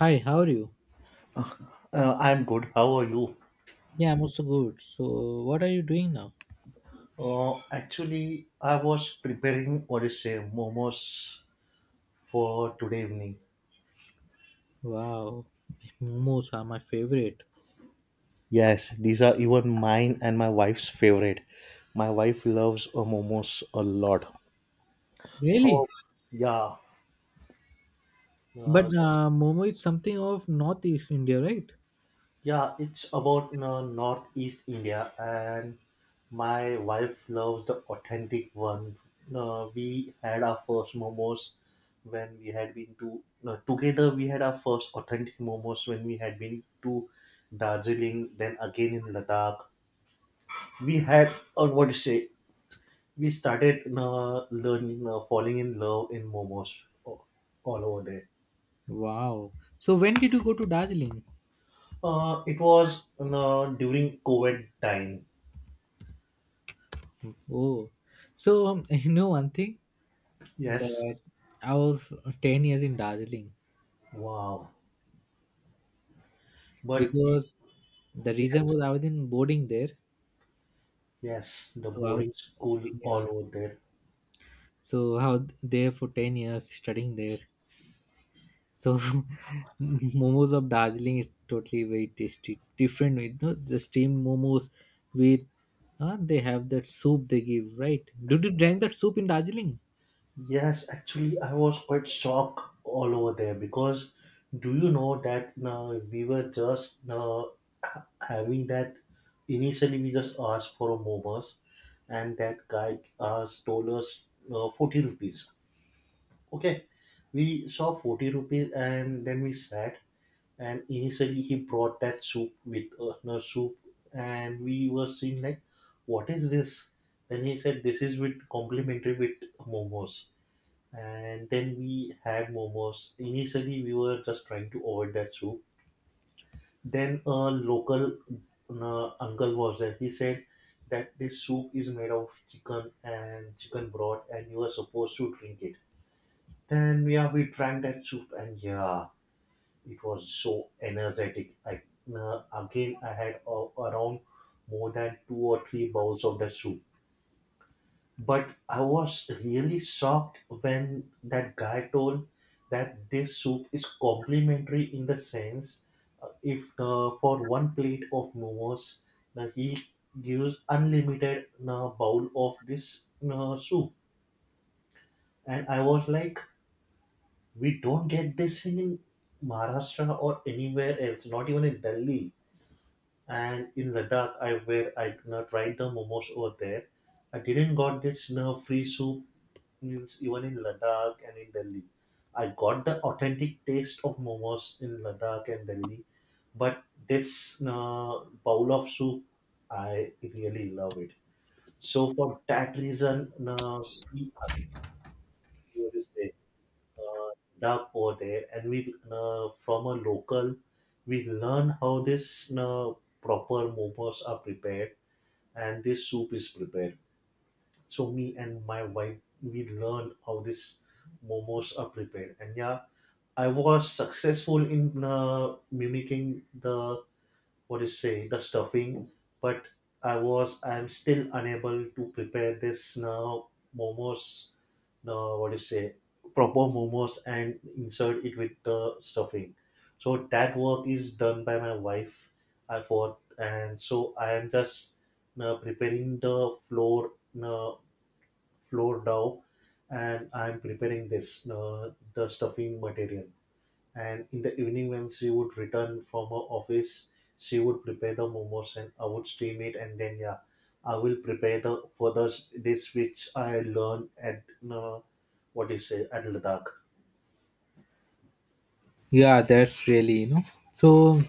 Hi, how are you? I'm good. How are you? Yeah, I'm also good. So, what are you doing now? Actually, I was preparing what is say momos for today evening. Wow, momos are my favorite. Yes, these are even mine and my wife's favorite. My wife loves momos a lot. Really? How? Yeah. But Uh, Momo is something of Northeast India, right? Yeah, it's about Northeast India, and my wife loves the authentic one. We had our first momos when we had been to no, together. We had our first authentic momos when we had been to Darjeeling, then again in Ladakh. We had, or what to say, we started learning, falling in love in momos all over there. Wow. So, when did you go to Darjeeling? It was during COVID time. Oh, so you know one thing Yes. that I was 10 years in Darjeeling Wow. But y- because the reason yes, was I was in boarding there. yes, the So, I was, boarding school yeah. all over there. So, how there for 10 years studying there. So momos of Darjeeling is totally very tasty. Different, you know, the steamed momos with they have that soup they give, right? Did you drink that soup in Darjeeling? Yes, actually, I was quite shocked all over there because do you know that now we were just now having that, initially we just asked for a momos, and that guy stole us 40 rupees. Okay, we saw 40 rupees and then we sat, and initially he brought that soup with no soup, and we were seeing like what is this. Then he said this is with complimentary with momos, and then we had momos. Initially we were just trying to avoid that soup, then a local uncle was there. He said that this soup is made of chicken and chicken broth and you are supposed to drink it. Then yeah, we drank that soup, and yeah, it was so energetic. I Again I had around more than two or three bowls of that soup. But I was really shocked when that guy told that this soup is complimentary in the sense, if for one plate of momos, he gives unlimited bowl of this soup. And I was like, we don't get this in Maharashtra or anywhere else, not even in Delhi. And in Ladakh, I where I could not tried the momos over there. I didn't got this now free soup meals even in Ladakh and in Delhi. I got the authentic taste of momos in Ladakh and Delhi, but this bowl of soup, I really love it. So for that reason, we are going to say, uh, Ladakh over there, and we from a local, we learn how this proper momos are prepared and this soup is prepared. So me and my wife, we learned how this momos are prepared, and yeah, I was successful in mimicking the, what do you say, the stuffing, but I'm still unable to prepare this now momos, now what do you say, proper momos, and insert it with the stuffing. So that work is done by my wife, I thought, and so I am just now preparing the floor, now floor dough, and I'm preparing this now the stuffing material. And in the evening when she would return from her office, she would prepare the momos and I would steam it, and then yeah, I will prepare the for the dish which I learned at uh, what do you say, at Ladakh. Yeah, that's really you know. So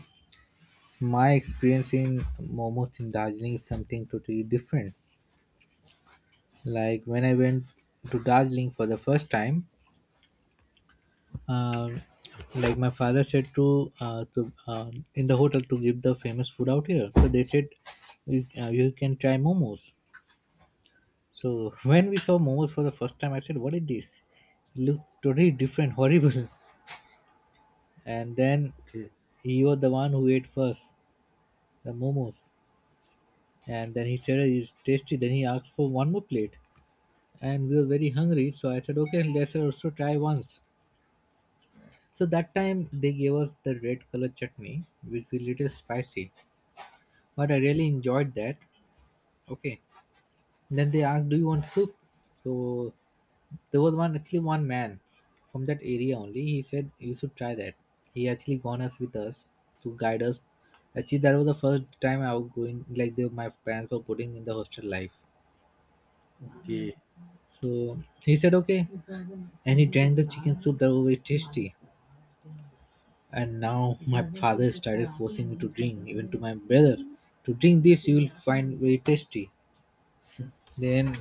my experience in momos in Darjeeling is something totally different. Like when I went to Darjeeling for the first time, uh, like my father said to in the hotel to give the famous food out here. So they said you, you can try momos. So when we saw momos for the first time, I said, "What is this? It looked totally different, horrible." And then Okay. he was the one who ate first the momos, and then he said it's tasty. Then he asked for one more plate, and we were very hungry. So I said, "Okay, let's also try once." So that time they gave us the red color chutney, which was little spicy, but I really enjoyed that. Okay. Then they asked, "Do you want soup?" So there was one actually one man from that area only. He said you should try that. He actually gone us with us to guide us. Actually, that was the first time I was going like they, my parents were putting in the hostel life. So he said okay, and he drank the chicken soup that was very tasty. And now my father started forcing me to drink, even to my brother, to drink this. You will find very tasty. Then,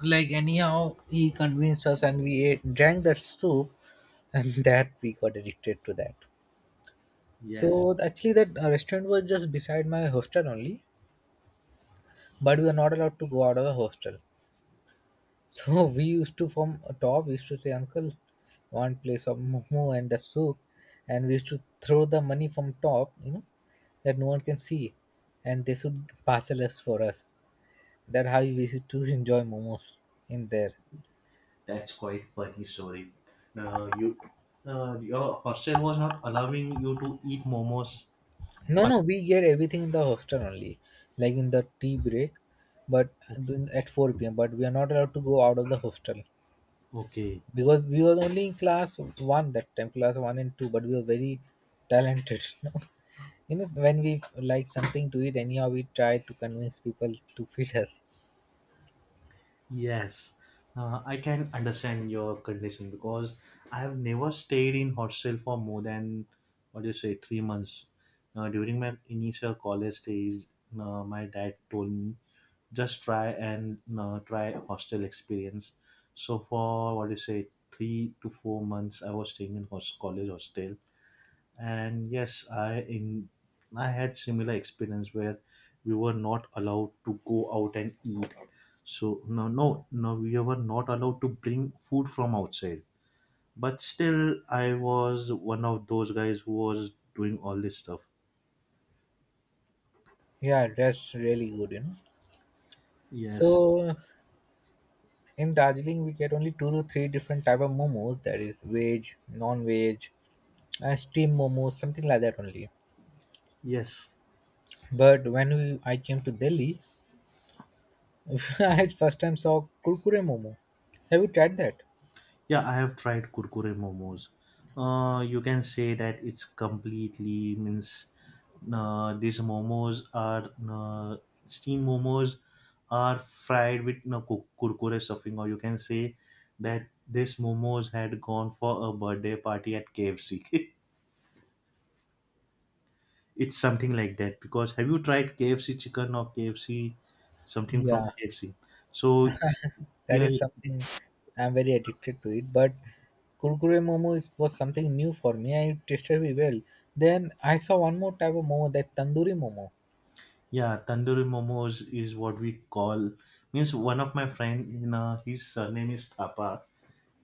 like anyhow, he convinced us, and we ate, drank that soup, and that we got addicted to that. Yes, So actually, that restaurant was just beside my hostel only, but we were not allowed to go out of the hostel. So we used to from top, we used to say, "Uncle, one place of momo and the soup," and we used to throw the money from top, you know, that no one can see, and they should parcel us for us. That how we used to enjoy momos in there. that's quite funny story. Now you, your hostel was not allowing you to eat momos. No, Uh, no, we get everything in the hostel only, like in the tea break, but Okay. during- at 4 p.m. But we are not allowed to go out of the hostel Okay. because we were only in class one that time, class one and two. But we were very talented, you know. You know, when we like something to eat, anyhow, we try to convince people to feed us. Yes, I can understand your condition because I have never stayed in hostel for more than, what do you say, 3 months. During my initial college days, my dad told me, just try and try hostel experience. So for, what do you say, 3 to 4 months, I was staying in host college hostel, and yes I had similar experience where we were not allowed to go out and eat. So no, no, no, we were not allowed to bring food from outside, but still I was one of those guys who was doing all this stuff. Yeah, that's really good, you know. Yes. So in Darjeeling, we get only two to three different type of momos. That is veg, non-veg, and steam momos, something like that only. Yes. But when we, I came to Delhi, I first time saw kurkure momo. Have you tried that? Yeah, I have tried kurkure momos. You can say that it's completely, means, these momos are steam momos are fried with kurkure stuffing, or you can say that this momos had gone for a birthday party at KFC. It's something like that because have you tried KFC chicken or KFC something from Yeah, KFC? So that yeah. is something I'm very addicted to it. But kurkure momo is, was something new for me. I tasted very well. Then I saw one more type of momo, that tandoori momo. Yeah, tandoori momos is what we call. Means one of my friend, you know, his surname is Thapa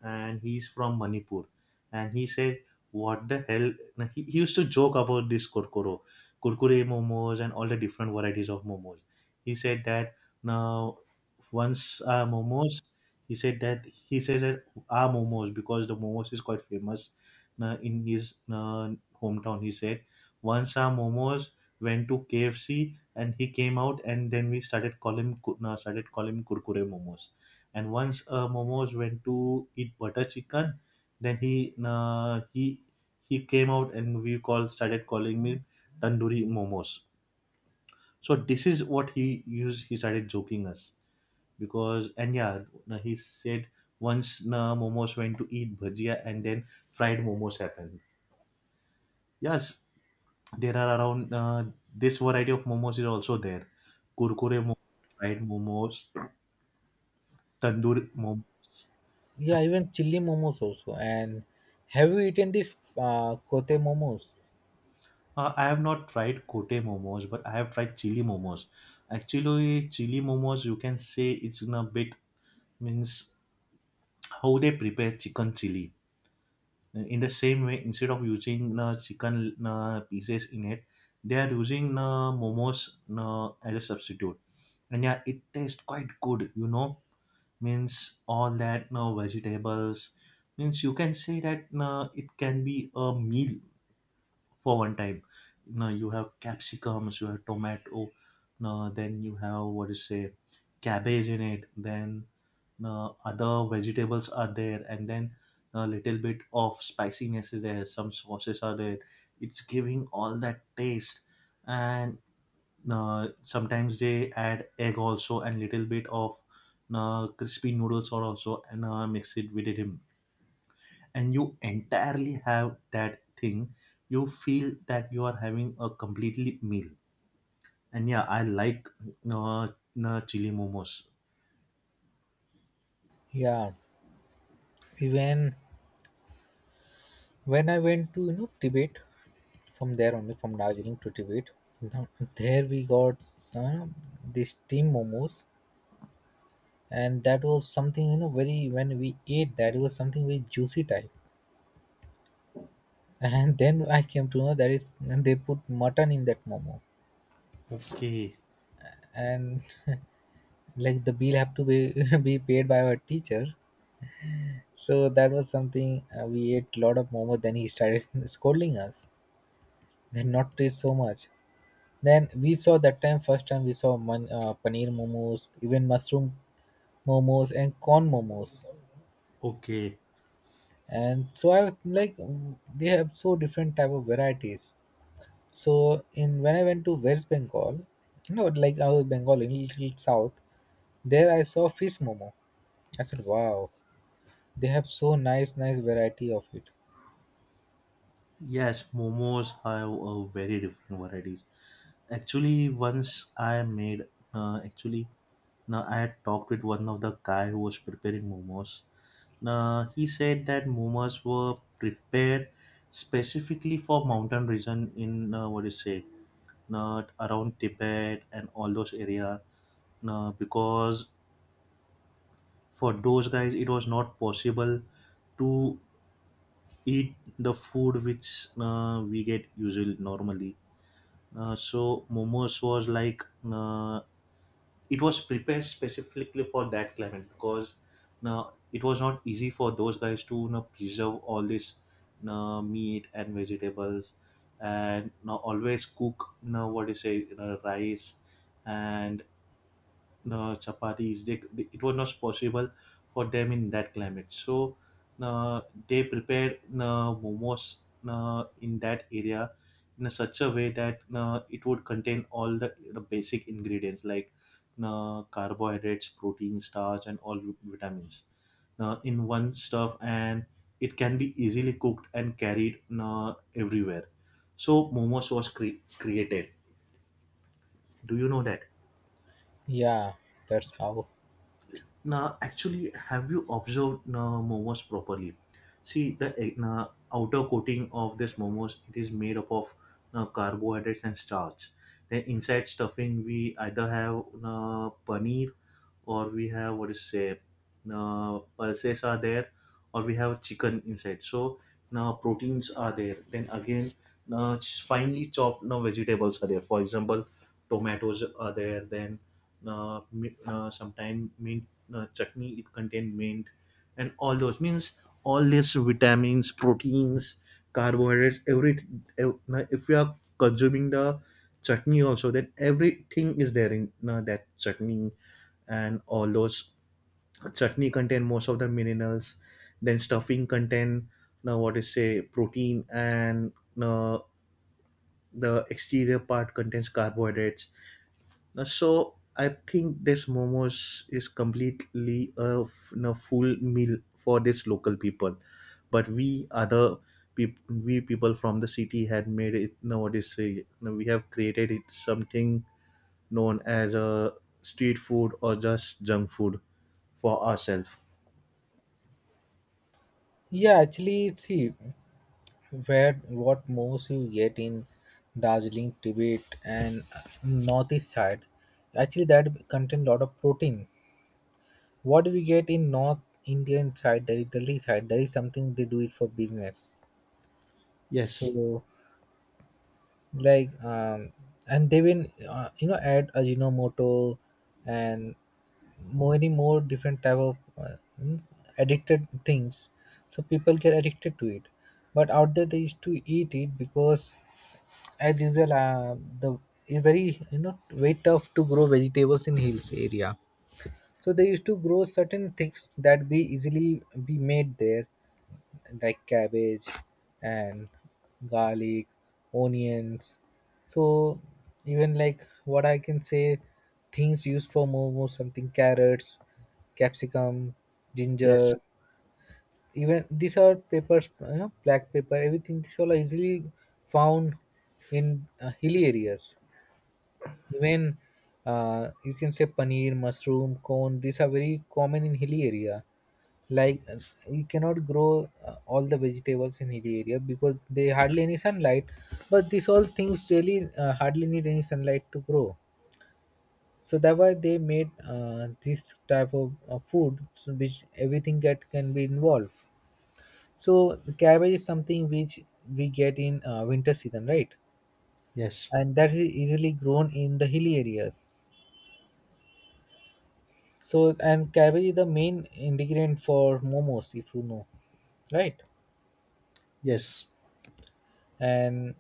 and he's from Manipur. And he said, "What the hell?" Now, he used to joke about this kurkure momos, and all the different varieties of momos. He said that now once momos, he says that our momos, because the momos is quite famous in his hometown. He said once our momos went to KFC and he came out, and then we started calling him started calling him kurkure momos. And once Momos went to eat butter chicken, then he came out and we call started calling me tandoori momos. So this is what he used. He started joking us because. And yeah, he said once momos went to eat bhajia, and then fried momos happened. Yes, there are around this variety of momos is also there. Kurkure momos, fried momos, tandoor momos. Yeah, even chili momos also. And have you eaten this kote momos? I have not tried kote momos, but I have tried chili momos. Actually, chili momos, you can say it's in a bit, means how they prepare chicken chili. In the same way, instead of using chicken pieces in it, they are using momos as a substitute. And yeah, it tastes quite good, you know. Means all that vegetables. Means you can say that it can be a meal for one time. Now you have capsicums, you have tomato, now then you have, what is say, cabbage in it. Then now other vegetables are there, and then a little bit of spiciness is there. Some sauces are there. It's giving all that taste, and now sometimes they add egg also and little bit of now crispy noodles are also and mix it with it, and you entirely have that thing, you feel that you are having a completely meal. And yeah, I like uh, chili momos. Yeah, even when I went to you know Tibet, from there only from Darjeeling to Tibet. Now, there we got uh, this steam momos, and that was something you know very when we ate that it was something very juicy type. And then I came to know that is they put mutton in that momo, Okay. and like the bill have to be be paid by our teacher. So that was something we ate a lot of momo. Then he started scolding us. Then not taste so much. Then we saw that time first time we saw man, paneer momos, even mushroom momos and corn momos. Okay. And so I was like they have so different type of varieties. So in when I went to West Bengal, you know, like I was Bengal in little south, there I saw fish momo. I said, wow, they have so nice, nice variety of it. Yes, momos have a very different varieties. Actually once I made, actually, now I had talked with one of the guy who was preparing momos. Now he said that momos were prepared specifically for mountain region in, what do you say, not around Tibet and all those area. Because for those guys it was not possible to eat the food which we get usually normally. So momos was like, uh, it was prepared specifically for that climate because, uh, it was not easy for those guys to, you know, preserve all this meat and vegetables, and, you know, always cook, you know, what do you say, you know, rice and chapatis. It was not possible for them in that climate. So uh, they prepared momos in that area in such a way that it would contain all the basic ingredients like carbohydrates, protein, starch, and all vitamins in one stuff, and it can be easily cooked and carried everywhere. So momos was created. Do you know that? Yeah, that's how. Now, actually, have you observed now momos properly? See the now, outer coating of this momos. It is made up of now, carbohydrates and starch. Then inside stuffing, we either have now, paneer, or we have, what is say, now, pulses are there, or we have chicken inside, so now proteins are there. Then again now finely chopped now vegetables are there. For example, tomatoes are there. Then uh, sometimes mint chutney, it contain mint, and all those, means all these vitamins, proteins, carbohydrates, now if you are consuming the chutney also, then everything is there in that chutney. And all those, chutney contain most of the minerals, then stuffing contain now, what is say, protein, and uh, the exterior part contains carbohydrates. So I think this momos is completely a full meal for this local people, but we other people, we people from the city had made it nowadays. Say, no, we have created it something known as a street food or just junk food for ourselves. Yeah, actually, see, where what most you get in Darjeeling, Tibet, and northeast side, actually that contain lot of protein. What we get in North Indian side, that is Delhi side, that is something they do it for business. Yes, So like and they will you know add Ajinomoto and many more different type of mm, addicted things so people get addicted to it but out there they used to eat it because as usual the it's very you know very tough to grow vegetables in hills area so they used to grow certain things that be easily be made there like cabbage and garlic onions so even like what I can say things used for momo something carrots capsicum yes, ginger even these are peppers you know black pepper everything these all are easily found in hilly areas even you can say paneer, mushroom, corn. These are very common in hilly area. Like yes, you cannot grow all the vegetables in hilly area because they hardly any sunlight. But these all things really hardly need any sunlight to grow. So that why they made this type of food so which everything that can be involved. So the cabbage is something which we get in winter season, right? yes, And that is easily grown in the hilly areas. So and cabbage is the main ingredient for momos, if you know, right? yes. And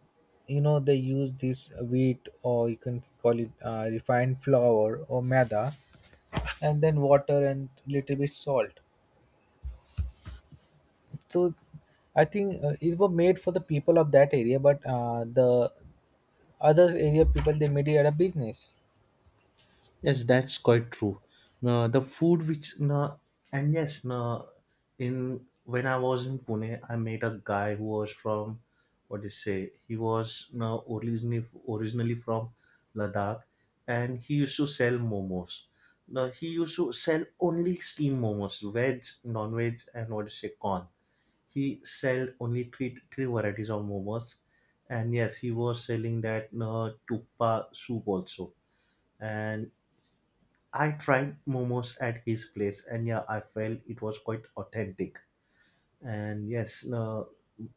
you know they use this wheat or you can call it refined flour or maida, and then water and little bit salt. So I think it was made for the people of that area, but the other area people they made it at a business. Yes, that's quite true. No, the food which no, and yes, no, in when I was in Pune, I met a guy who was from, what do you say? He was no originally from Ladakh, and he used to sell momos. No, he used to sell only steam momos, veg, non-veg, and, what do you say, corn. He sell only three varieties of momos, and yes, he was selling that no tuppa soup also, and I tried momos at his place, and yeah, I felt it was quite authentic. And yes,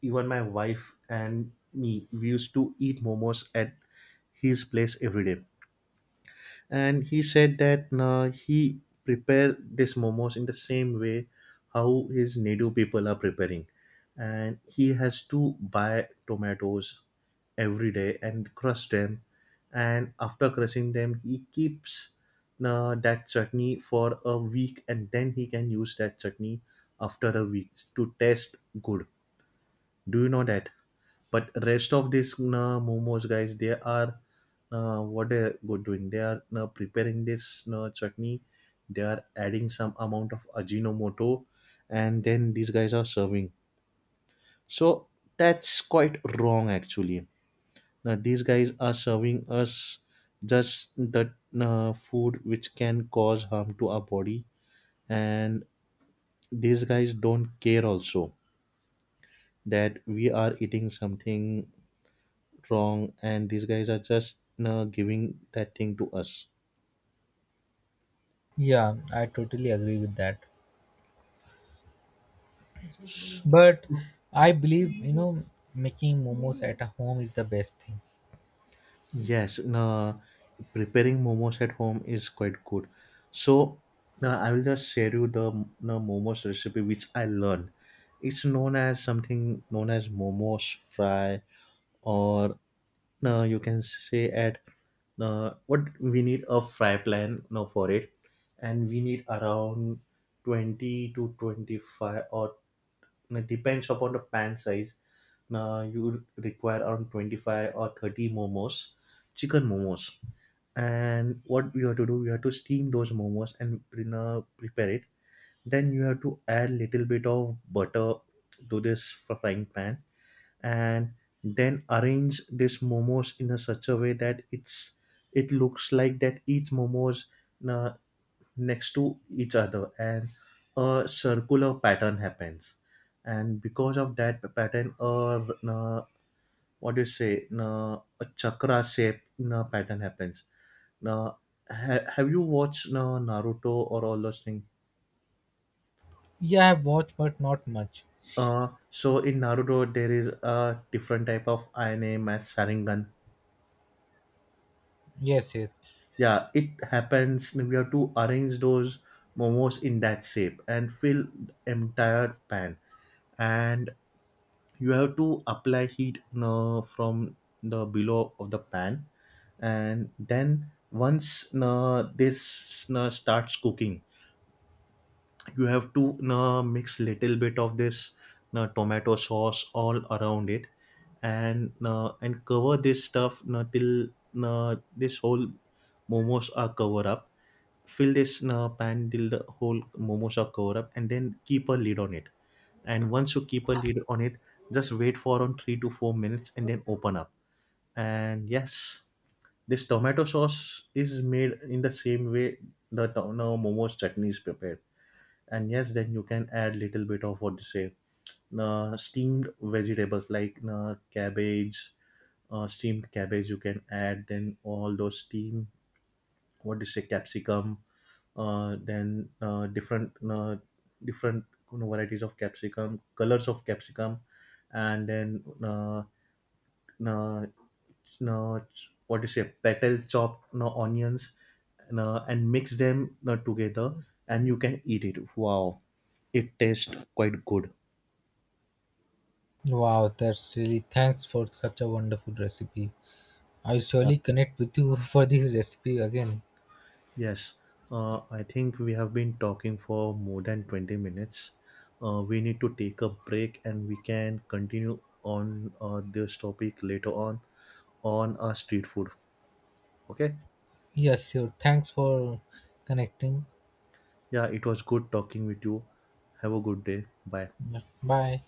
even my wife and me, we used to eat momos at his place every day, and he said that he prepared this momos in the same way how his native people are preparing. And he has to buy tomatoes every day and crush them, and after crushing them he keeps that chutney for a week, and then he can use that chutney after a week to taste good. Do you know that? But rest of these momos guys, they are what they are doing. They are preparing this chutney. They are adding some amount of ajinomoto, and then these guys are serving. So that's quite wrong actually. Now these guys are serving us just the food which can cause harm to our body, and these guys don't care also that we are eating something wrong, and these guys are just giving that thing to us. Yeah, I totally agree with that. But I believe you know making momos at a home is the best thing. Yes, preparing momos at home is quite good. So now I will just share you the momos recipe which I learned. It's known as something known as momos fry, or now you can say at what we need a fry plan now for it, and we need around 20 to 25, or now depends upon the pan size. Now you require around 25 or 30 momos, chicken momos. And what you have to do, you have to steam those momos and prepare it. Then you have to add little bit of butter to this frying pan, and then arrange this momos in a such a way that it looks like that each momos uh, next to each other, and a circular pattern happens. And because of that pattern, uh, what do you say, a chakra shape pattern happens now. Have you watched Naruto or all those things? Yeah, I've watched, but not much. So in Naruto, there is a different type of Aine as Sharingan. Yes, yes. Yeah, it happens. We have to arrange those momos in that shape and fill entire pan, and you have to apply heat from the below of the pan. And then once this starts cooking, you have to mix little bit of this tomato sauce all around it, and cover this stuff till this whole momos are covered up. Fill this pan till the whole momos are covered up, and then keep a lid on it. And once you keep a lid on it, just wait for around 3 to 4 minutes and then open up. And yes, this tomato sauce is made in the same way the, momos chutney is prepared. And yes, then you can add little bit of what to say, steamed vegetables like cabbage, steamed cabbage you can add, then all those steam, what do you say, capsicum, then different varieties of capsicum, colors of capsicum. And then, no, no, what do you say, petal, chop, no, onions, no, and mix them, no, together, and you can eat it. Wow, it tastes quite good. Wow, that's really thanks for such a wonderful recipe. I Yeah. surely connect with you for this recipe again. Yes, I think we have been talking for more than 20 minutes. We need to take a break, and we can continue on this topic later on our street food. Okay? Yes, sure. Thanks for connecting. Yeah, it was good talking with you. Have a good day. Bye. Bye.